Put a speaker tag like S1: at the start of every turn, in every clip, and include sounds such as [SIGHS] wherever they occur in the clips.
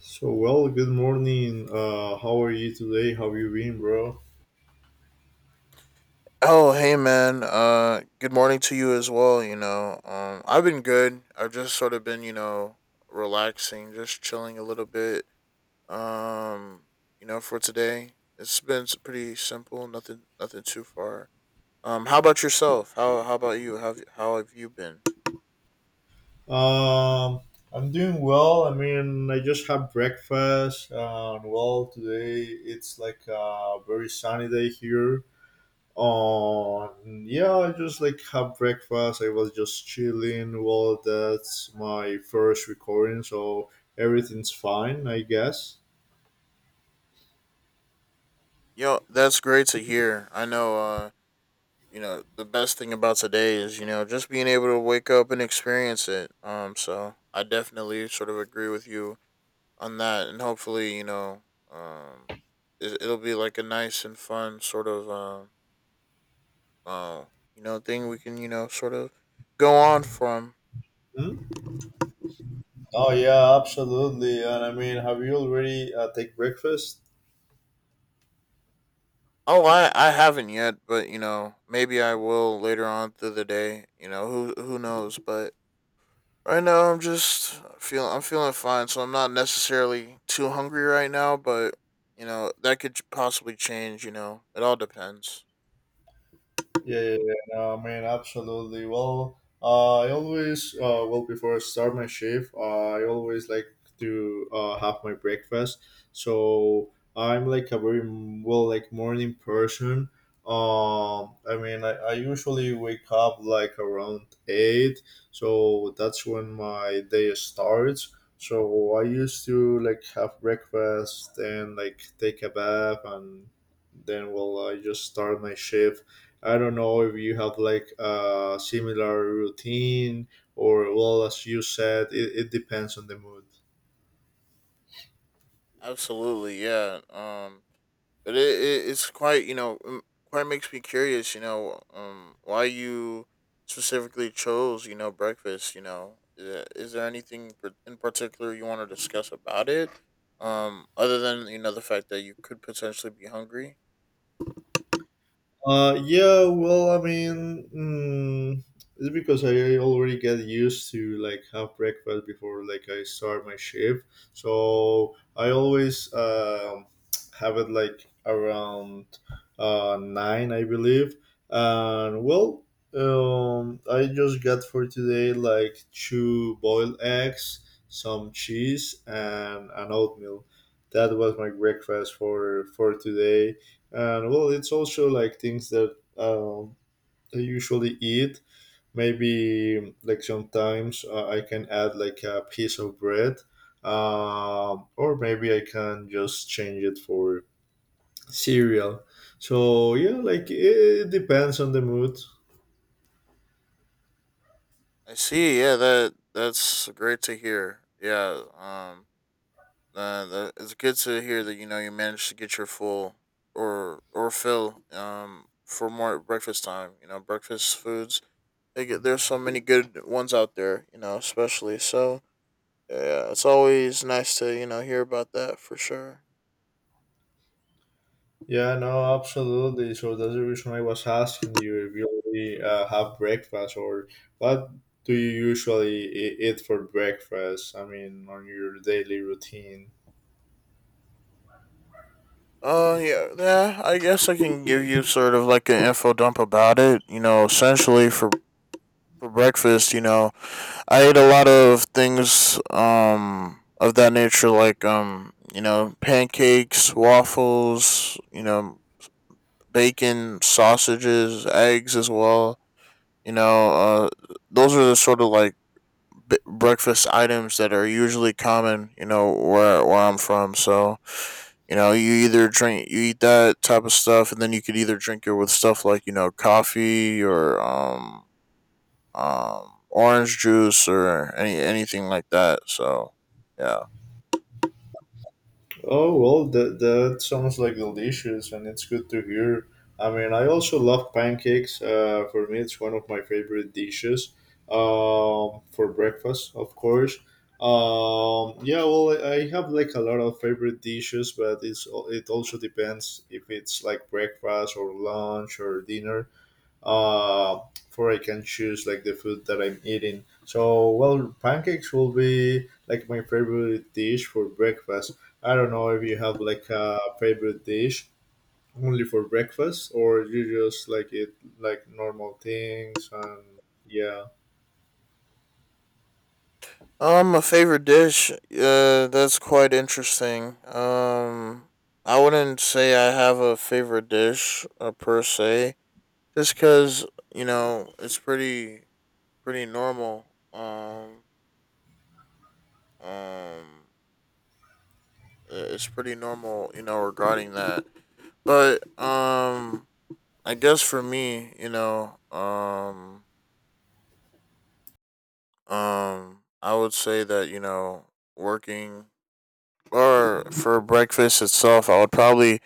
S1: Good morning. How are you today? How you been, bro?
S2: Oh, hey man. Good morning to you as well, you know. I've been good. I've just sort of been, you know, relaxing, just chilling a little bit. Um, you know, for today. It's been pretty simple, nothing too far. How about yourself? How about you? How have you been?
S1: Um, I'm doing well. I mean, I just had breakfast, and well, today it's like a very sunny day here. Yeah, I just like had breakfast. I was just chilling. Well, that's my first recording, so everything's fine, I guess.
S2: Yo, that's great to hear. I know you know, the best thing about today is, you know, just being able to wake up and experience it. So I definitely sort of agree with you on that, and hopefully, you know, um, it'll be like a nice and fun sort of, uh, you know, thing we can, you know, sort of go on from.
S1: Hmm? Oh yeah, absolutely. And I mean, have you already take breakfast?
S2: Oh, I haven't yet, but you know, maybe I will later on through the day. You know, who knows? But right now, I'm feeling fine, so I'm not necessarily too hungry right now. But you know, that could possibly change. You know, it all depends.
S1: Yeah, yeah, yeah. No, I mean, absolutely. Well, I always, well, before I start my shift, I always like to have my breakfast. So I'm like a very, well, like morning person. I mean, I usually wake up like around 8. So that's when my day starts. So I used to like have breakfast and like take a bath and then well I just start my shift. I don't know if you have like a similar routine, or well, as you said, it depends on the mood.
S2: Absolutely, yeah. But it's quite you know quite makes me curious, you know, why you specifically chose, you know, breakfast. You know, is there anything in particular you want to discuss about it, other than, you know, the fact that you could potentially be hungry?
S1: Yeah, well, I mean, it's because I already get used to like have breakfast before like I start my shift, so I always have it like around nine, I believe. And well, I just got for today like two boiled eggs, some cheese, and an oatmeal. That was my breakfast for today, and well it's also like things that I usually eat. Maybe like sometimes I can add like a piece of bread, or maybe I can just change it for cereal. So yeah, like it depends on the mood.
S2: I see, yeah, that's great to hear, yeah. It's good to hear that, you know, you managed to get your full or fill, for more breakfast time, you know, breakfast foods. Like, there's so many good ones out there, you know, especially. So, yeah, it's always nice to, you know, hear about that for sure.
S1: Yeah, no absolutely. So that's the reason I was asking you if you already have breakfast, or what do you usually eat for breakfast, I mean on your daily routine.
S2: Yeah, yeah, I guess I can give you sort of like an info dump about it. You know, essentially for breakfast, you know, I ate a lot of things, of that nature, like, you know, pancakes, waffles, you know, bacon, sausages, eggs as well. You know, those are the sort of like breakfast items that are usually common, you know, where I'm from. So, you know, you either drink, you eat that type of stuff, and then you could either drink it with stuff like, you know, coffee or orange juice or anything like that. So, yeah.
S1: Oh well, that that sounds like delicious, and it's good to hear. I mean, I also love pancakes. For me, it's one of my favorite dishes. For breakfast, of course. Yeah, well, I have like a lot of favorite dishes, but it's it also depends if it's like breakfast or lunch or dinner. uh, for I can choose like the food that I'm eating. So, well, pancakes will be like my favorite dish for breakfast. I don't know if you have like a favorite dish only for breakfast or you just like it like normal things, and yeah.
S2: A favorite dish. That's quite interesting. I wouldn't say I have a favorite dish, per se, just because, you know, it's pretty normal. Um, um, it's pretty normal, you know, regarding that. But I guess for me, you know, I would say that, you know, working or for breakfast itself, I would probably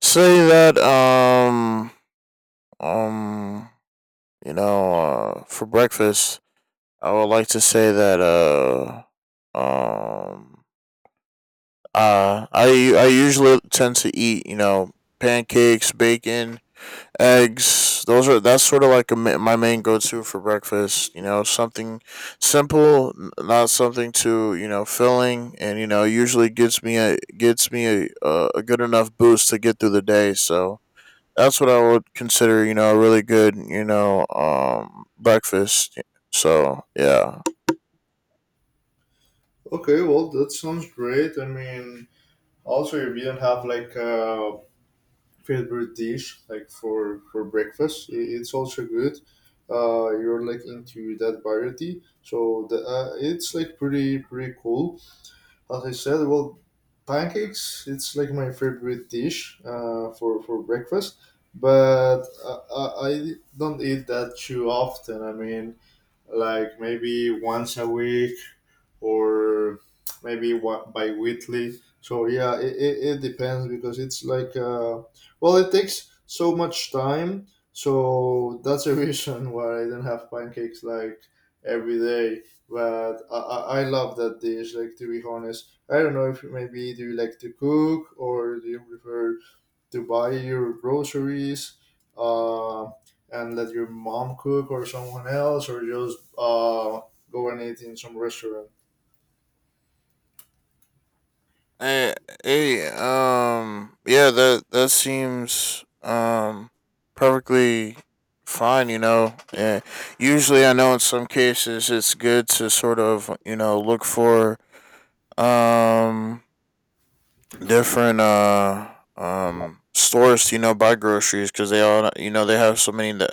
S2: say that, um, you know, for breakfast, I would like to say that, um. I usually tend to eat, you know, pancakes, bacon, eggs. Those are That's sort of like my main go to for breakfast. You know, something simple, not something too, you know, filling, and you know usually gets me a good enough boost to get through the day. So that's what I would consider, you know, a really good, you know, breakfast. So yeah.
S1: Okay, well, that sounds great. I mean, also if you don't have like a favorite dish like for breakfast, it's also good. Uh, you're like into that variety, so the it's like pretty pretty cool. As I said, well, pancakes it's like my favorite dish for breakfast, but I don't eat that too often. I mean like maybe once a week, or maybe what bi-weekly. So yeah, it depends because it's like well it takes so much time, so that's a [LAUGHS] reason why I don't have pancakes like every day. But I love that dish. Like to be honest, I don't know if maybe do you like to cook or do you prefer to buy your groceries, uh, and let your mom cook or someone else, or just go and eat in some restaurant.
S2: Hey, yeah, that seems perfectly fine, you know. And usually, I know in some cases it's good to sort of, you know, look for um different stores to, you know, buy groceries because they all, you know, they have so many.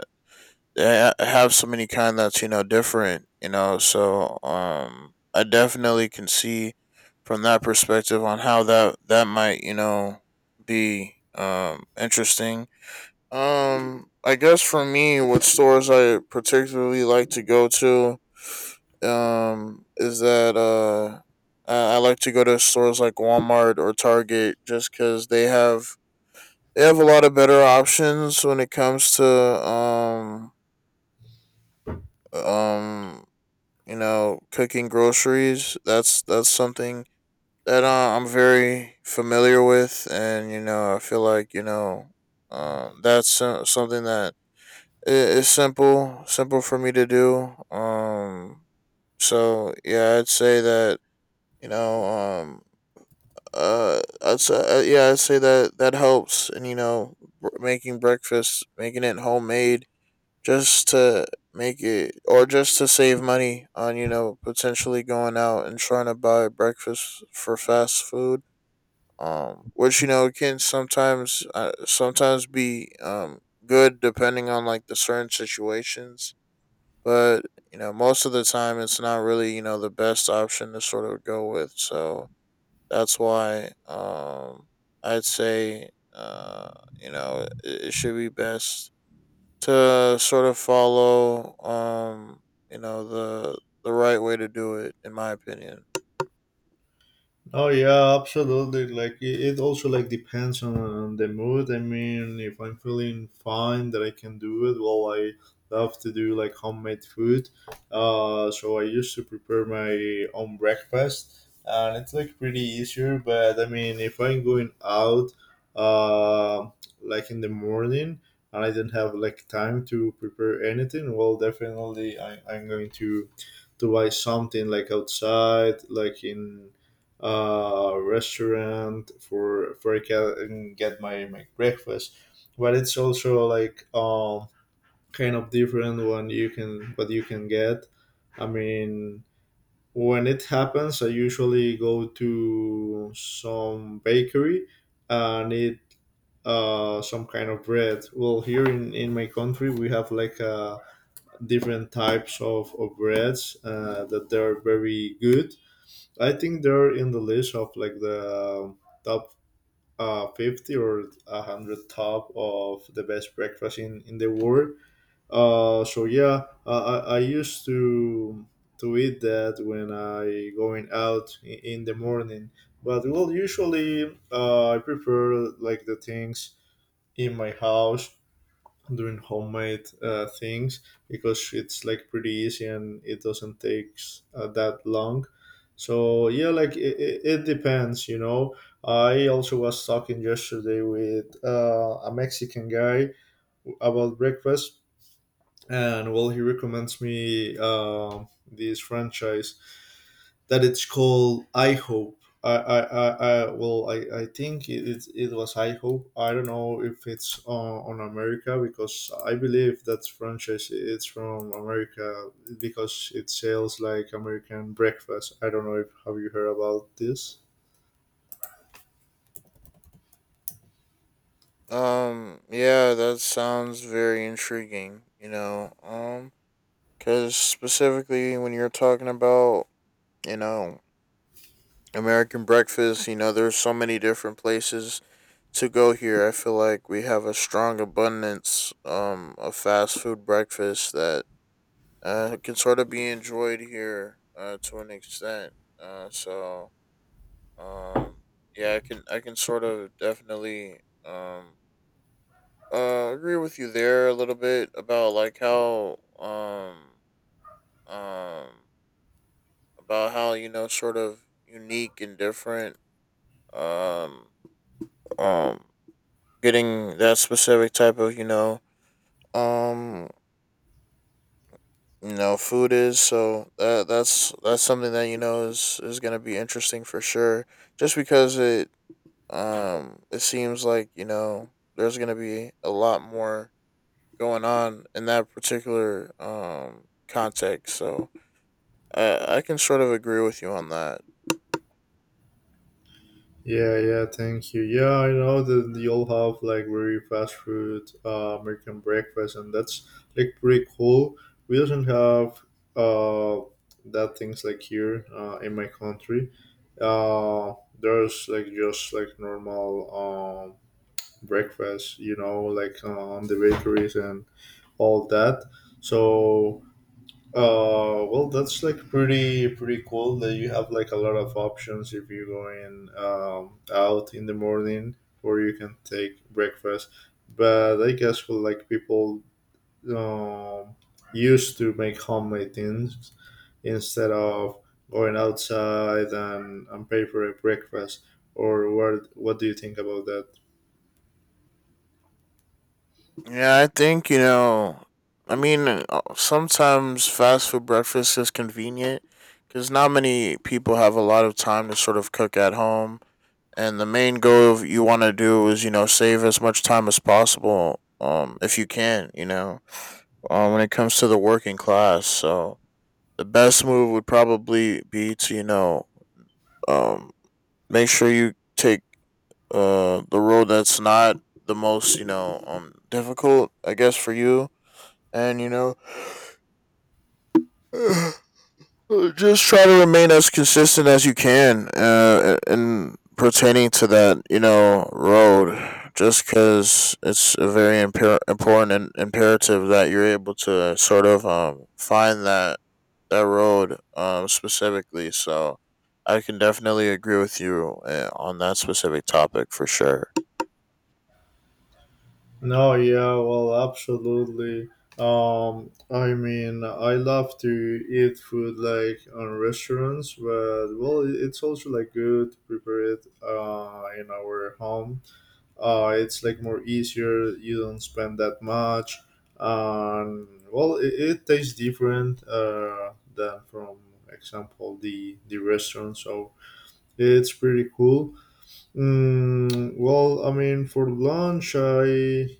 S2: I have so many kind that's, you know, different, you know. So I definitely can see from that perspective on how that might, you know, be interesting. I guess for me, what stores I particularly like to go to is that. I like to go to stores like Walmart or Target just because they have a lot of better options when it comes to, um you know, cooking groceries. That's something that, I'm very familiar with, and you know, I feel like, you know, that's something that is simple for me to do. So yeah, I'd say that, you know, I'd say, yeah, I'd say that helps, and you know, making breakfast, making it homemade, just to make it, or just to save money on, you know, potentially going out and trying to buy breakfast for fast food, which, you know, can sometimes, be good depending on like the certain situations, but you know most of the time it's not really, you know, the best option to sort of go with. So that's why I'd say you know it should be best to sort of follow, you know, the right way to do it in my opinion.
S1: Oh yeah, absolutely. Like it also like depends on the mood. I mean, if I'm feeling fine, that I can do it. Well, I love to do like homemade food. So I used to prepare my own breakfast, and it's like pretty easier. But I mean, if I'm going out, uh, like in the morning, and I don't have like time to prepare anything, well, definitely I'm going to buy something like outside, like in restaurant for I can get my my breakfast. But it's also like kind of different when you can what you can get. I mean, when it happens, I usually go to some bakery and eat some kind of bread. Well, here in my country, we have like different types of breads that they're very good. I think they're in the list of like the top 50 or 100 top of the best breakfast in the world. So yeah, I used to eat that when I going out in the morning. But well, usually I prefer like the things in my house, doing homemade things, because it's like pretty easy and it doesn't take that long. So yeah, like it depends, you know. I also was talking yesterday with a Mexican guy about breakfast, and well, he recommends me this franchise that it's called I Hope. I well, I think it was I Hope. I don't know if it's on America because I believe that franchise it's from America because it sells like American breakfast. I don't know if have you heard about this.
S2: Yeah, that sounds very intriguing, you know. Because specifically when you're talking about, you know, American breakfast, you know, there's so many different places to go here. I feel like we have a strong abundance, of fast food breakfast that, can sort of be enjoyed here, to an extent. Uh, so um, yeah, I can sort of definitely, agree with you there a little bit about like how, um, about how, you know, sort of unique and different, um, um, getting that specific type of, you know, um you know, food is, so that's that's something that you know is going to be interesting for sure, just because it seems like, you know, there's going to be a lot more going on in that particular context. So I can sort of agree with you on that.
S1: Yeah, yeah, thank you. Yeah, I know that you'll have like very fast food American breakfast, and that's like pretty cool. We doesn't have uh, that things like here in my country. Uh, there's like just like normal um, breakfast, you know, like on the bakeries and all that. So well, that's like pretty pretty cool that you have like a lot of options if you're going out in the morning, or you can take breakfast. But I guess for like people um, used to make homemade things instead of going outside and pay for a breakfast. Or what do you think about that?
S2: Yeah, I think you know. I mean, sometimes fast food breakfast is convenient because not many people have a lot of time to sort of cook at home. And the main goal you want to do is, you know, save as much time as possible, if you can, you know, when it comes to the working class. So the best move would probably be to, you know, um make sure you take the road that's not the most, you know, difficult, I guess, for you. And you know [SIGHS] just try to remain as consistent as you can, in pertaining to that, you know, road. Just because it's a very important and imperative that you're able to sort of, find that road, specifically. So I can definitely agree with you, on that specific topic for sure.
S1: No, yeah, well, absolutely. I mean, I love to eat food like on restaurants, but well, it's also like good to prepare it in our home. It's like more easier. You don't spend that much, and well, it tastes different than from example the restaurant. So it's pretty cool. Well, I mean, for lunch, I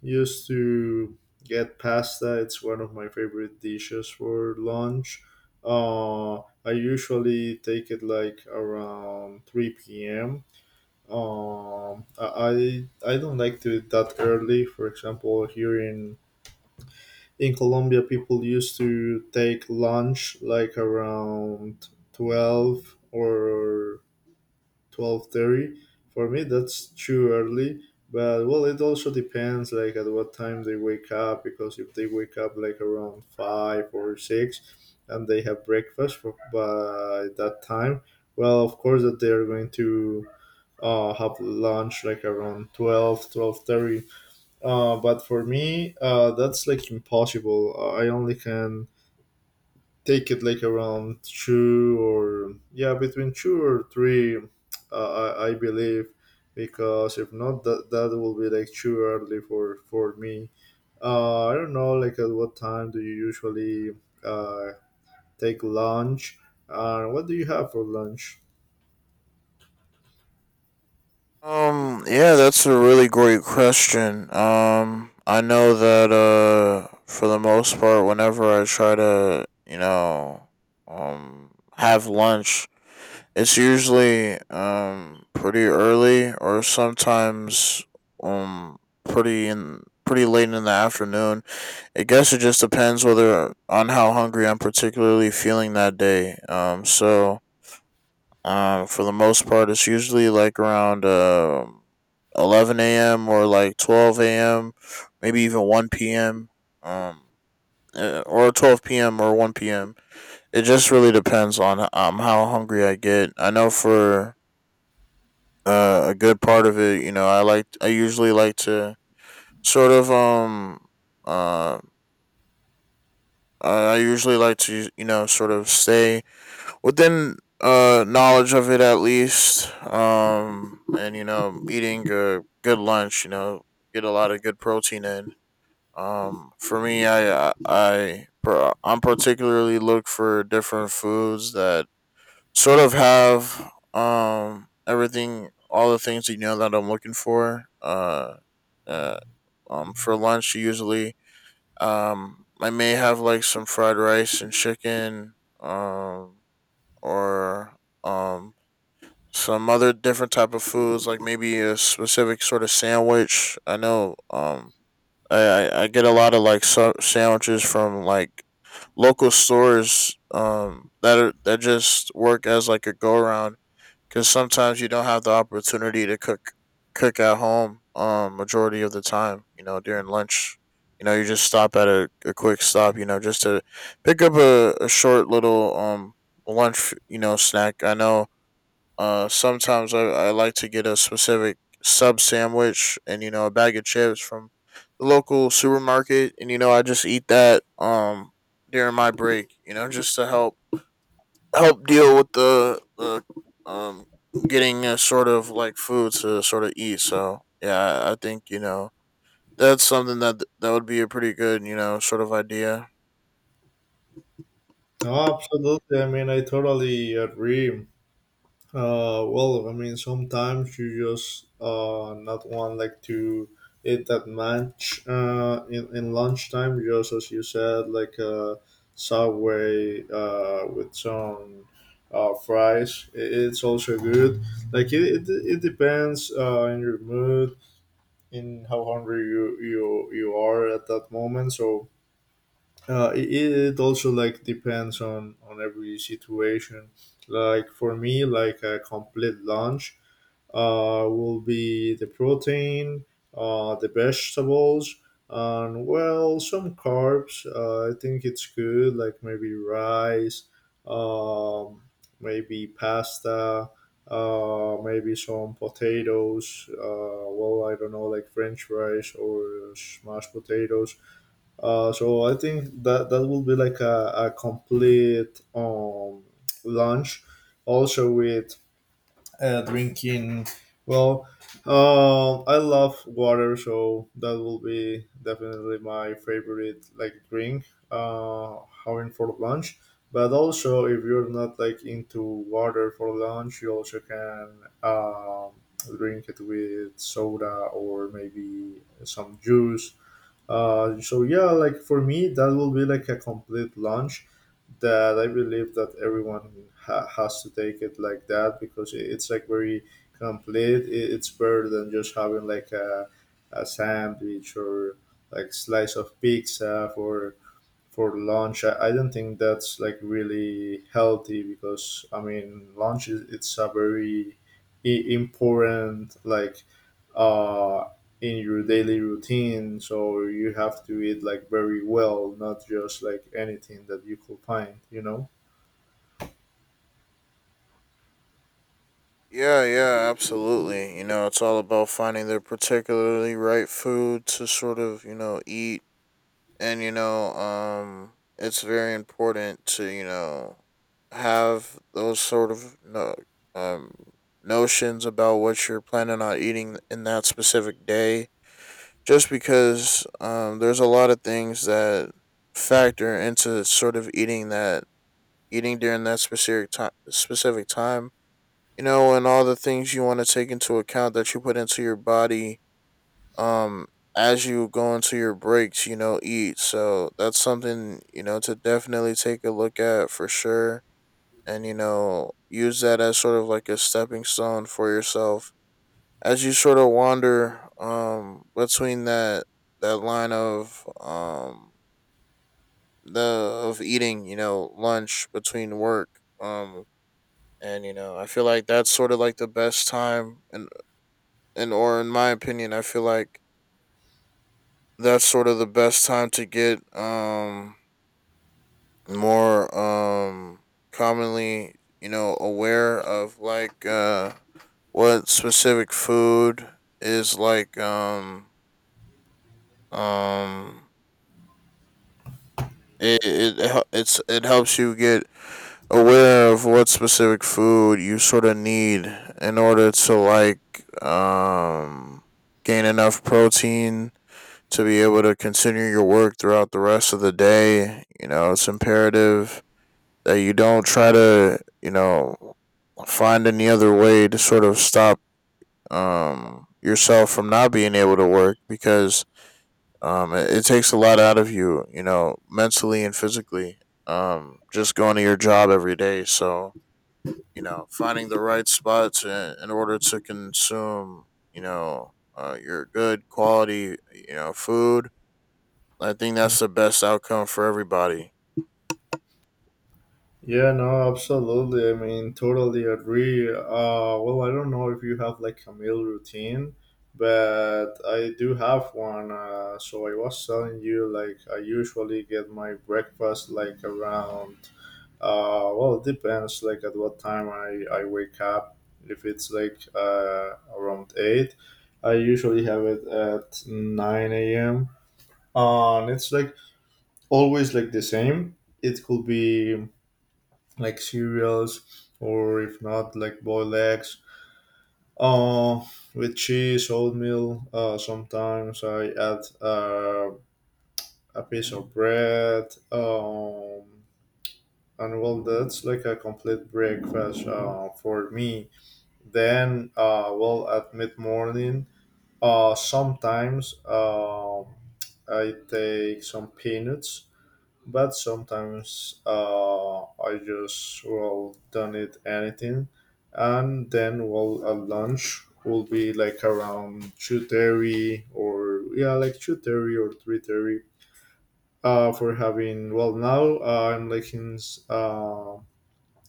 S1: used to get pasta. It's one of my favorite dishes for lunch. Uh, I usually take it like around 3 p.m. I don't like to eat that early. For example, here in Colombia, people used to take lunch like around 12 or 12:30. For me, that's too early. But well, it also depends like at what time they wake up because if they wake up like around five or six, and they have breakfast for, by that time, well, of course that they are going to have lunch like around 12, 12:30. 12 but for me that's like impossible. I only can take it like around two or yeah between two or three. I believe, because if not that that will be like too early for me. I don't know like at what time do you usually uh, take lunch. And what do you have for lunch.
S2: Yeah, that's a really great question. I know that, for the most part, whenever I try to, you know, um have lunch, it's usually pretty early, or sometimes um pretty late in the afternoon. I guess it just depends whether on how hungry I'm particularly feeling that day. So for the most part it's usually like around 11 AM or like 12 AM, maybe even one PM. Um or 12 p.m. or 1 p.m. It just really depends on how hungry I get. I know for, a good part of it. You know, I usually like to sort of uh I usually like to, you know, sort of stay within knowledge of it at least. And you know eating a good lunch, you know, get a lot of good protein in. For me I'm particularly look for different foods that sort of have everything all the things, you know, that I'm looking for. Uh for lunch usually I may have like some fried rice and chicken, or um some other different type of foods, like maybe a specific sort of sandwich. I know I get a lot of like sandwiches from like local stores, that are that just work as like a go around, because sometimes you don't have the opportunity to cook at home. Majority of the time, you know, during lunch, you know, you just stop at a quick stop, you know, just to pick up a short little lunch, you know, snack. I know. Sometimes I like to get a specific sub sandwich, and you know a bag of chips from the local supermarket, and you know I just eat that during my break, you know, just to help help deal with the, um getting a sort of like food to sort of eat. So yeah, I think you know that's something that that would be a pretty good, you know, sort of idea.
S1: Oh, absolutely. I mean, I totally agree. Well, I mean, sometimes you just not want like to eat that much in lunchtime. Just as you said, like subway with some fries. It's also good. Like it depends in your mood, in how hungry you are at that moment. So it, it also like depends on every situation. Like for me like a complete lunch will be the protein, the vegetables, and well some carbs. I think it's good like maybe rice, um maybe pasta, maybe some potatoes. Well I don't know, like french fries or smashed potatoes. So I think that that will be like a complete lunch, also with drinking. Well, I love water, so that will be definitely my favorite like drink uh, having for lunch. But also, if you're not like into water for lunch, you also can um, drink it with soda or maybe some juice. So yeah, like for me, that will be like a complete launch that I believe that everyone has to take it like that because it's like very complete. It's better than just having like a sandwich or like slice of pizza for lunch. I don't think that's like really healthy because I mean lunch is it's a very important like uh in your daily routine. So you have to eat like very well, not just like anything that you could find. You know.
S2: Yeah, yeah, absolutely. You know, it's all about finding the particularly right food to sort of you know eat, and you know it's very important to you know have those sort of no um notions about what you're planning on eating in that specific day just because there's a lot of things that factor into sort of eating that eating during that specific time you know and all the things you want to take into account that you put into your body um as you go into your breaks you know eat, so that's something you know to definitely take a look at for sure. And you know use that as sort of like a stepping stone for yourself as you sort of wander between that line of the of eating you know lunch between work. um and you know I feel like that's sort of like the best time, and or in my opinion I feel like that's sort of the best time to get more commonly you know aware of like what specific food is like um it helps you get aware of what specific food you sort of need in order to like um gain enough protein to be able to continue your work throughout the rest of the day. You know, it's imperative that you don't try to, you know, find any other way to sort of stop yourself from not being able to work because it takes a lot out of you, you know, mentally and physically. Just going to your job every day. So you know, finding the right spots in order to consume, you know, your good quality, you know, food. I think that's the best outcome for everybody.
S1: Yeah, no, absolutely. I mean, totally agree. Well, I don't know if you have like a meal routine, but I do have one. So I was telling you, like, I usually get my breakfast like around, well, it depends like at what time I wake up. If it's like around 8, I usually have it at 9 a.m. And it's like always like the same. It could be like cereals or if not like boiled eggs uh, with cheese, oatmeal. Sometimes I add a piece of bread, um, and well, that's like a complete breakfast for me. Then well, at mid-morning, sometimes I take some peanuts. But sometimes I just, well, don't eat anything, and then well, at lunch will be like around 2:30, or yeah, like 2:30 or 3:30. For having, well, now I'm like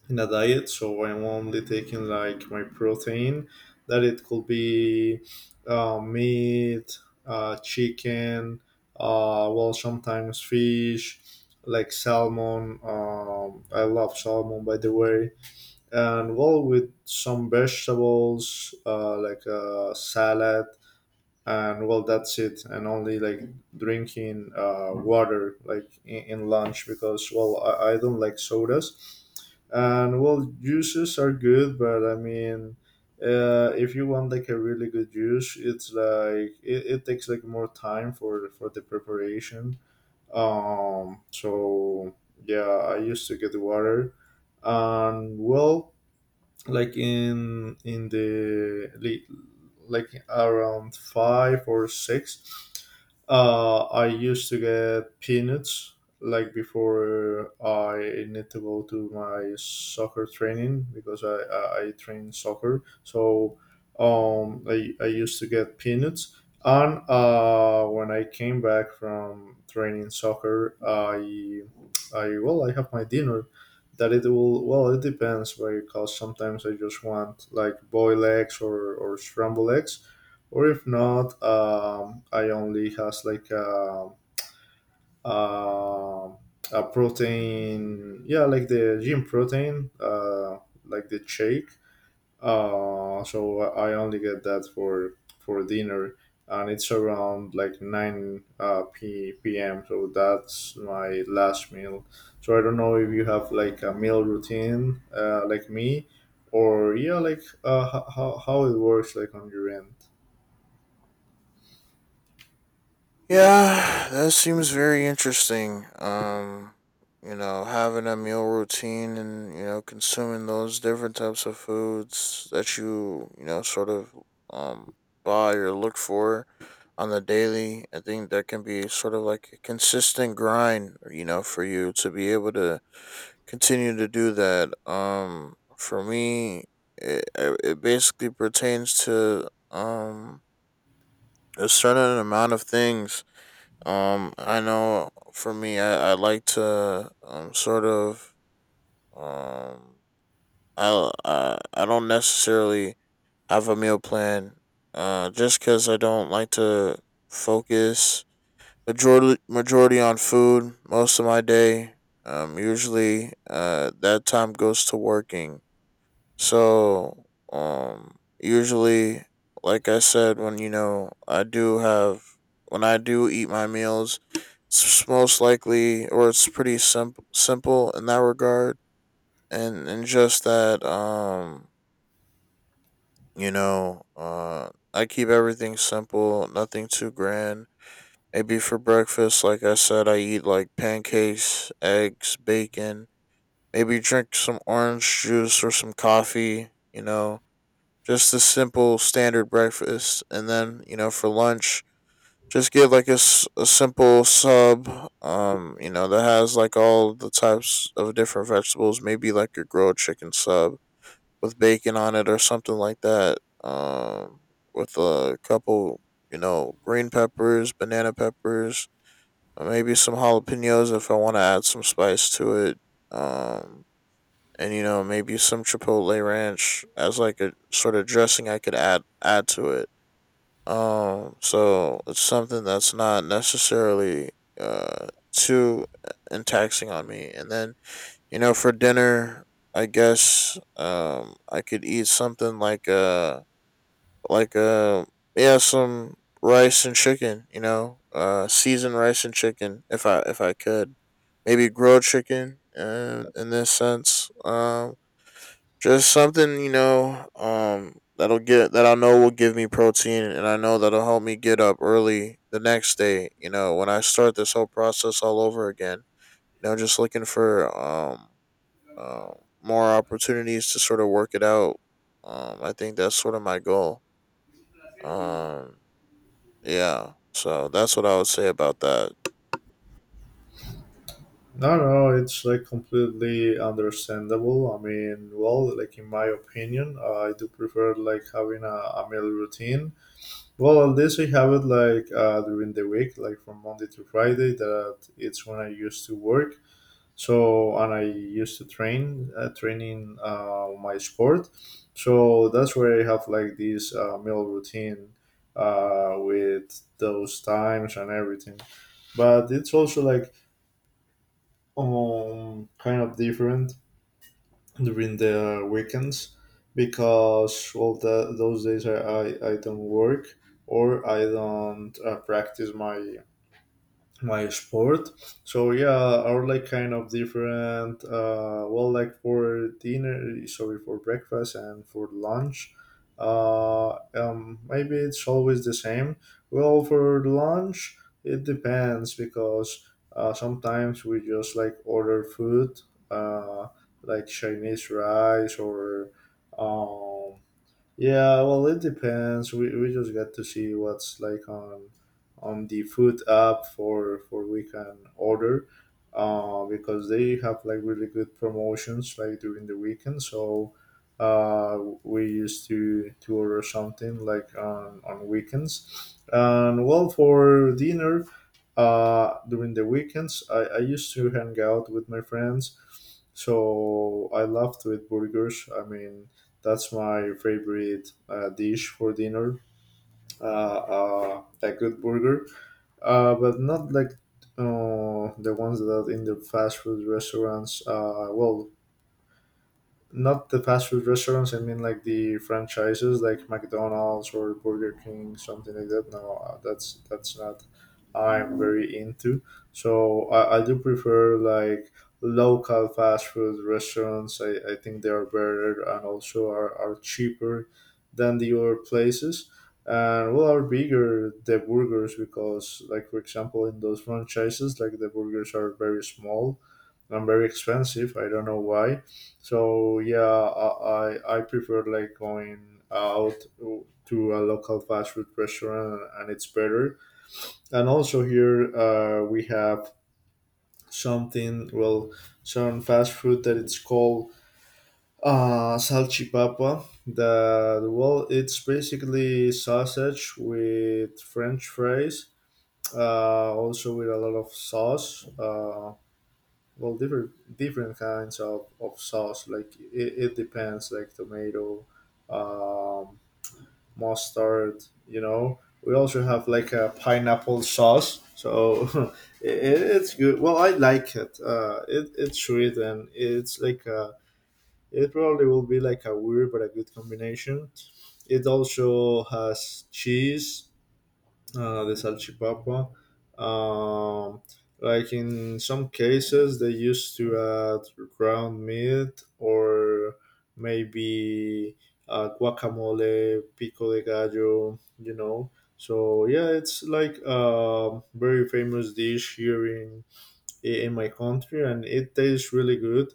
S1: in a diet, so I'm only taking like my protein. That it could be meat, chicken, well, sometimes fish, like salmon. I love salmon, by the way. And well, with some vegetables, like a salad. And well, that's it. And only like drinking water like in lunch, because well, I don't like sodas. And well, juices are good, but I mean, if you want like a really good juice, it's like it takes like more time for the preparation. So yeah, I used to get water. And well, like in the late, like around five or six, I used to get peanuts, like before I need to go to my soccer training, because I train soccer. So I used to get peanuts, and uh, when I came back from training soccer, I well, I have my dinner. That it will, well, it depends, because sometimes I just want like boiled eggs or scrambled eggs. Or if not, I only has like a, a protein, yeah, like the gym protein, like the shake. So I only get that for dinner, and it's around like nine p p.m. So that's my last meal. So I don't know if you have like a meal routine, like me, or yeah, like how it works like on your end.
S2: Yeah, that seems very interesting. You know, having a meal routine and, you know, consuming those different types of foods that you know, sort of um buy or look for on the daily. I think that can be sort of like a consistent grind, you know, for you to be able to continue to do that. For me, it basically pertains to a certain amount of things. I know for me, I like to sort of um I don't necessarily have a meal plan just because I don't like to focus majority on food most of my day. Usually that time goes to working, so, um, usually, like I said, when I do eat my meals, it's most likely, or it's pretty simple, in that regard. And just that, you know, I keep everything simple, nothing too grand. Maybe for breakfast, like I said, I eat like pancakes, eggs, bacon, maybe drink some orange juice or some coffee, you know, just a simple standard breakfast, and then you know for lunch, just get like a simple sub, you know that has like all the types of different vegetables. Maybe like a grilled chicken sub with bacon on it or something like that. Um, with a couple, you know, green peppers, banana peppers, or maybe some jalapenos if I want to add some spice to it. Um, and you know maybe some chipotle ranch as like a sort of dressing I could add to it. So it's something that's not necessarily too and taxing on me. And then you know for dinner I guess I could eat something like yeah, some rice and chicken, you know, seasoned rice and chicken if I could. Maybe grilled chicken, and in this sense just something, you know, that I know will give me protein, and I know that'll help me get up early the next day. You know, when I start this whole process all over again. You know, just looking for uh, more opportunities to sort of work it out. I think that's sort of my goal. Um, yeah. So that's what I would say about that.
S1: No, no, it's like completely understandable. I mean, well, like in my opinion, I do prefer like having a meal routine. Well, at least I have it like during the week, like from Monday to Friday. That it's when I used to work. So, and I used to train, training my sport. So that's where I have like this meal routine with those times and everything. But it's also like kind of different during the weekends, because all the, those days I don't work, or I don't practice my sport. So yeah, our like kind of different. Well, like for dinner, sorry, for breakfast and for lunch. Maybe it's always the same. Well, for lunch, it depends, because sometimes we just like order food, uh, like Chinese rice or, um, yeah, well, it depends. We just got to see what's like on the food app for we can order, because they have like really good promotions like during the weekend. So, we used to order something like on weekends. And well, for dinner, during the weekends, I used to hang out with my friends. So I loved to eat burgers. I mean, that's my favorite dish for dinner. A good burger, but not like the ones that in the fast food restaurants. Well, not the fast food restaurants. I mean, like the franchises, like McDonald's or Burger King, something like that. No, that's not. I'm very into. So I do prefer like local fast food restaurants. I think they are better, and also are cheaper than the other places. And well, are bigger the burgers, because like for example, in those franchises, like the burgers are very small and very expensive. I don't know why. So yeah, I prefer like going out to a local fast food restaurant, and it's better. And also here we have something, well, some fast food that it's called salchipapa. That well, it's basically sausage with French fries. Also with a lot of sauce. Well, different kinds of sauce, like it depends, like tomato, um, mustard, you know, we also have like a pineapple sauce, so [LAUGHS] it, it's good. Well, I like it. It it's sweet, and it's like it probably will be like a weird but a good combination. It also has cheese, the salchipapa. Um, like in some cases, they used to add ground meat, or maybe guacamole, pico de gallo, you know. So yeah, it's like a very famous dish here in in my country, and it tastes really good.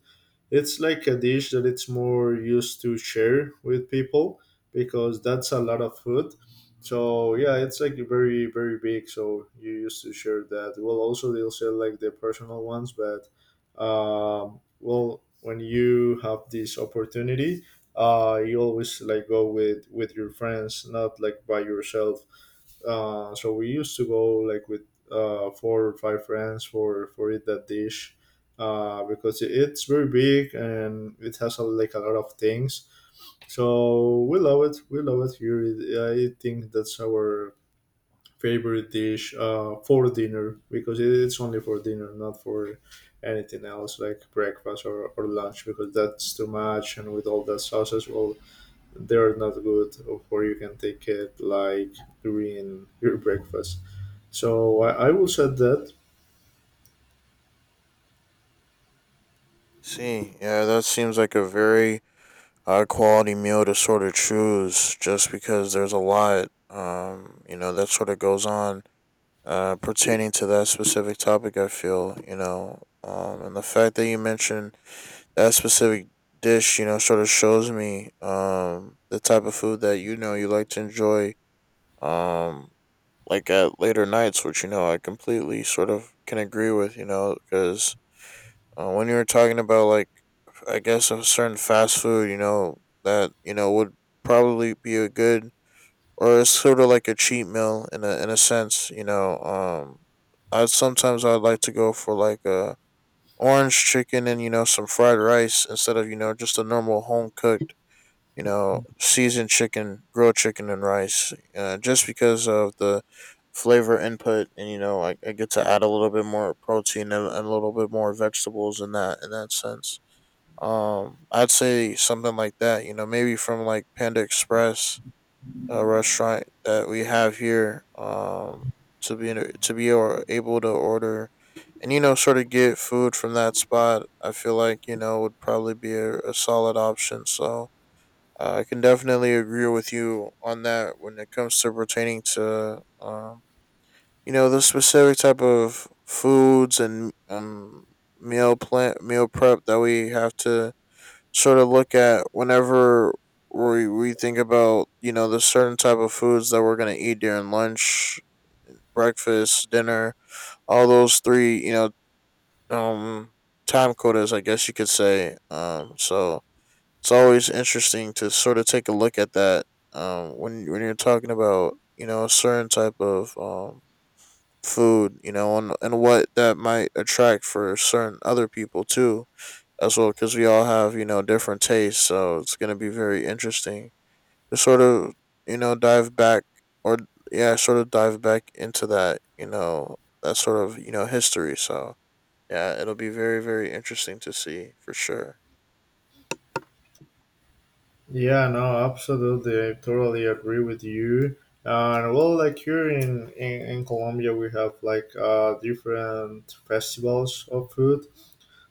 S1: It's like a dish that it's more used to share with people, because that's a lot of food. So yeah, it's like very very big. So you used to share that. Well, also they'll sell like the personal ones, but well, when you have this opportunity, you always like go with your friends, not like by yourself. So we used to go like with four or five friends for eat that dish, because it- it's very big, and it has a, like a lot of things. So we love it. We love it here. I think that's our favorite dish for dinner, because it- it's only for dinner, not for anything else like breakfast or lunch, because that's too much. And with all that sauces, well, they're not good, or you can take it like during your breakfast. So I will say that.
S2: See, yeah, that seems like a very high quality meal to sort of choose just because there's a lot, you know, that sort of goes on pertaining to that specific topic, I feel, you know. And the fact that you mentioned that specific dish, you know, sort of shows me the type of food that you know you like to enjoy um like at later nights, which you know I completely sort of can agree with, you know. Because when you were talking about like I guess of certain fast food, you know, that, you know, would probably be a good, or it's sort of like a cheat meal in a sense, you know. I sometimes I'd like to go for like a orange chicken and, you know, some fried rice instead of, you know, just a normal home cooked, you know, seasoned chicken, grilled chicken and rice. Just because of the flavor input, and you know I get to add a little bit more protein and a little bit more vegetables in that sense. I'd say something like that. You know, maybe from like Panda Express, a restaurant that we have here. To be or able to order, and you know, sort of get food from that spot. I feel like you know would probably be a solid option. So. I can definitely agree with you on that when it comes to pertaining to you know the specific type of foods and meal prep that we have to sort of look at whenever we think about you know the certain type of foods that we're gonna eat during lunch, breakfast, dinner, all those three, you know, um time quotas, I guess you could say. So it's always interesting to sort of take a look at that. When you're talking about you know a certain type of food, you know, and what that might attract for certain other people too as well, because we all have you know different tastes, so it's going to be very interesting to sort of you know dive back or yeah sort of dive back into that, you know, that sort of you know history. So yeah, it'll be very very interesting to see for sure.
S1: Yeah, no, absolutely, I totally agree with you. And well, like here in in Colombia, we have like uh, different festivals of food.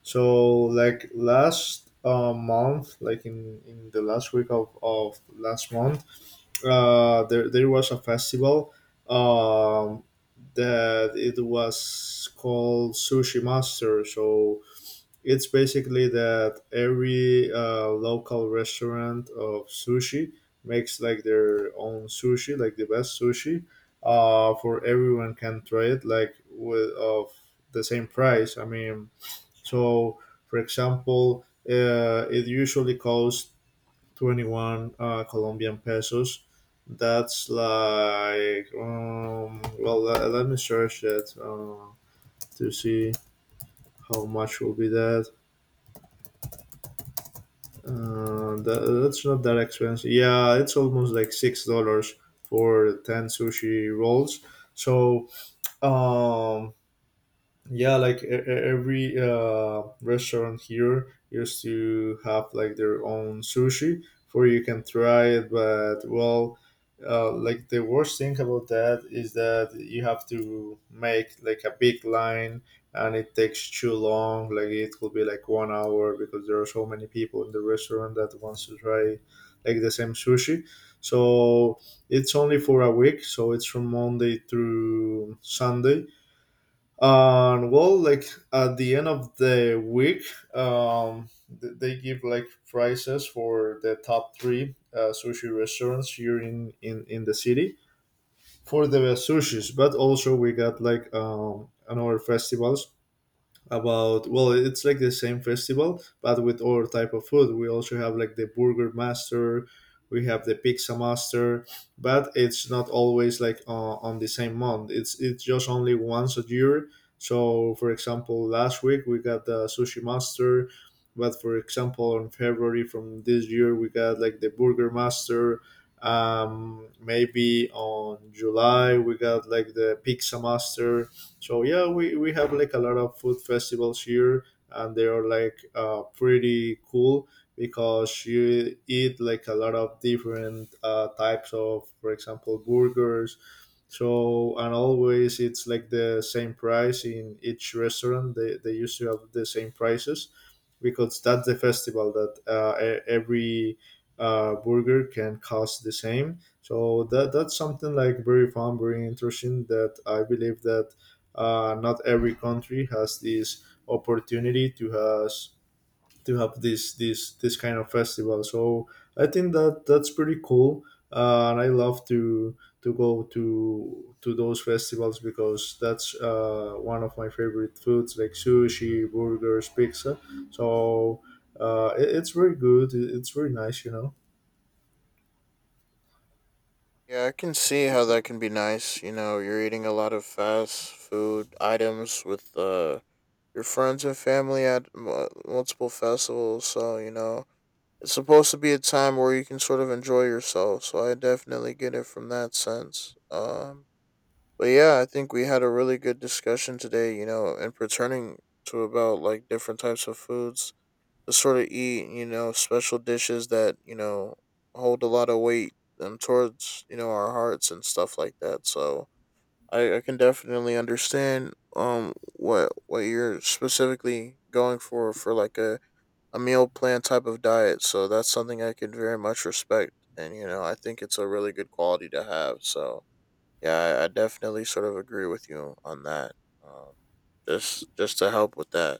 S1: So like last month, like in the last week of last month, there was a festival, um, that it was called Sushi Master. So it's basically that every local restaurant of sushi makes like their own sushi, like the best sushi, for everyone can try it, like with of the same price. I mean, so for example, it usually costs 21 Colombian pesos. That's like, well, let me search it to see how much will be that. That's not that expensive. Yeah, it's almost like $6 for 10 sushi rolls. So, um, yeah, like every restaurant here used to have like their own sushi for you can try it. But well, like the worst thing about that is that you have to make like a big line, and it takes too long. Like it could be like 1 hour, because there are so many people in the restaurant that wants to try like the same sushi. So it's only for a week, so it's from Monday through Sunday. And well, like at the end of the week, um they give like prizes for the top three sushi restaurants here in the city, for the best sushis. But also we got like another festivals about, well, it's like the same festival but with other type of food. We also have like the burger master. We have the pizza master. But it's not always like on the same month. It's just only once a year. So for example, last week we got the sushi master. But for example, on February from this year we got like the burger master. Maybe on July we got like the pizza master. So yeah, we have like a lot of food festivals here, and they are like pretty cool, because you eat like a lot of different types of, for example, burgers. So, and always it's like the same price in each restaurant. They used to have the same prices, because that's the festival, that every burger can cost the same. So that, that's something like very fun, very interesting, that I believe that not every country has this opportunity to has to have this kind of festival. So I think that that's pretty cool, and I love to go to those festivals, because that's one of my favorite foods, like sushi, burgers, pizza. So it's very good. It- it's very nice, you know.
S2: Yeah, I can see how that can be nice, you know. You're eating a lot of fast food items with your friends and family at multiple festivals, so you know it's supposed to be a time where you can sort of enjoy yourself. So I definitely get it from that sense. But yeah, I think we had a really good discussion today, you know, and pertaining to about like different types of foods to sort of eat, you know, special dishes that, you know, hold a lot of weight towards, you know, our hearts and stuff like that. So I can definitely understand what you're specifically going for like a meal plan type of diet. So that's something I can very much respect. And, you know, I think it's a really good quality to have. So yeah, I definitely sort of agree with you on that. Um, just to help with that.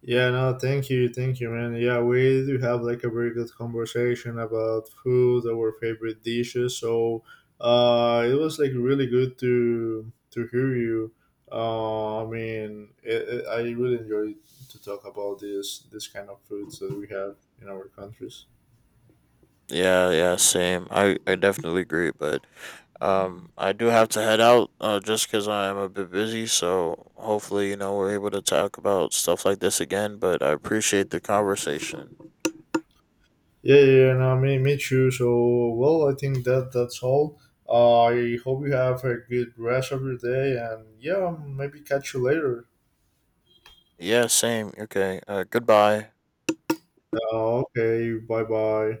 S1: Yeah, no, thank you, man. Yeah, we do have like a very good conversation about food, our favorite dishes. So, it was like really good to hear you. I mean, I really enjoyed to talk about this kind of foods that we have in our countries.
S2: Yeah, yeah, same. I definitely agree, but, I do have to head out, just cause I'm a bit busy. So hopefully, you know, we're able to talk about stuff like this again, but I appreciate the conversation.
S1: Yeah, yeah, yeah, no, me too. So, well, I think that that's all. I hope you have a good rest of your day, and yeah, maybe catch you later.
S2: Yeah, same. Okay. Goodbye.
S1: Okay, bye bye.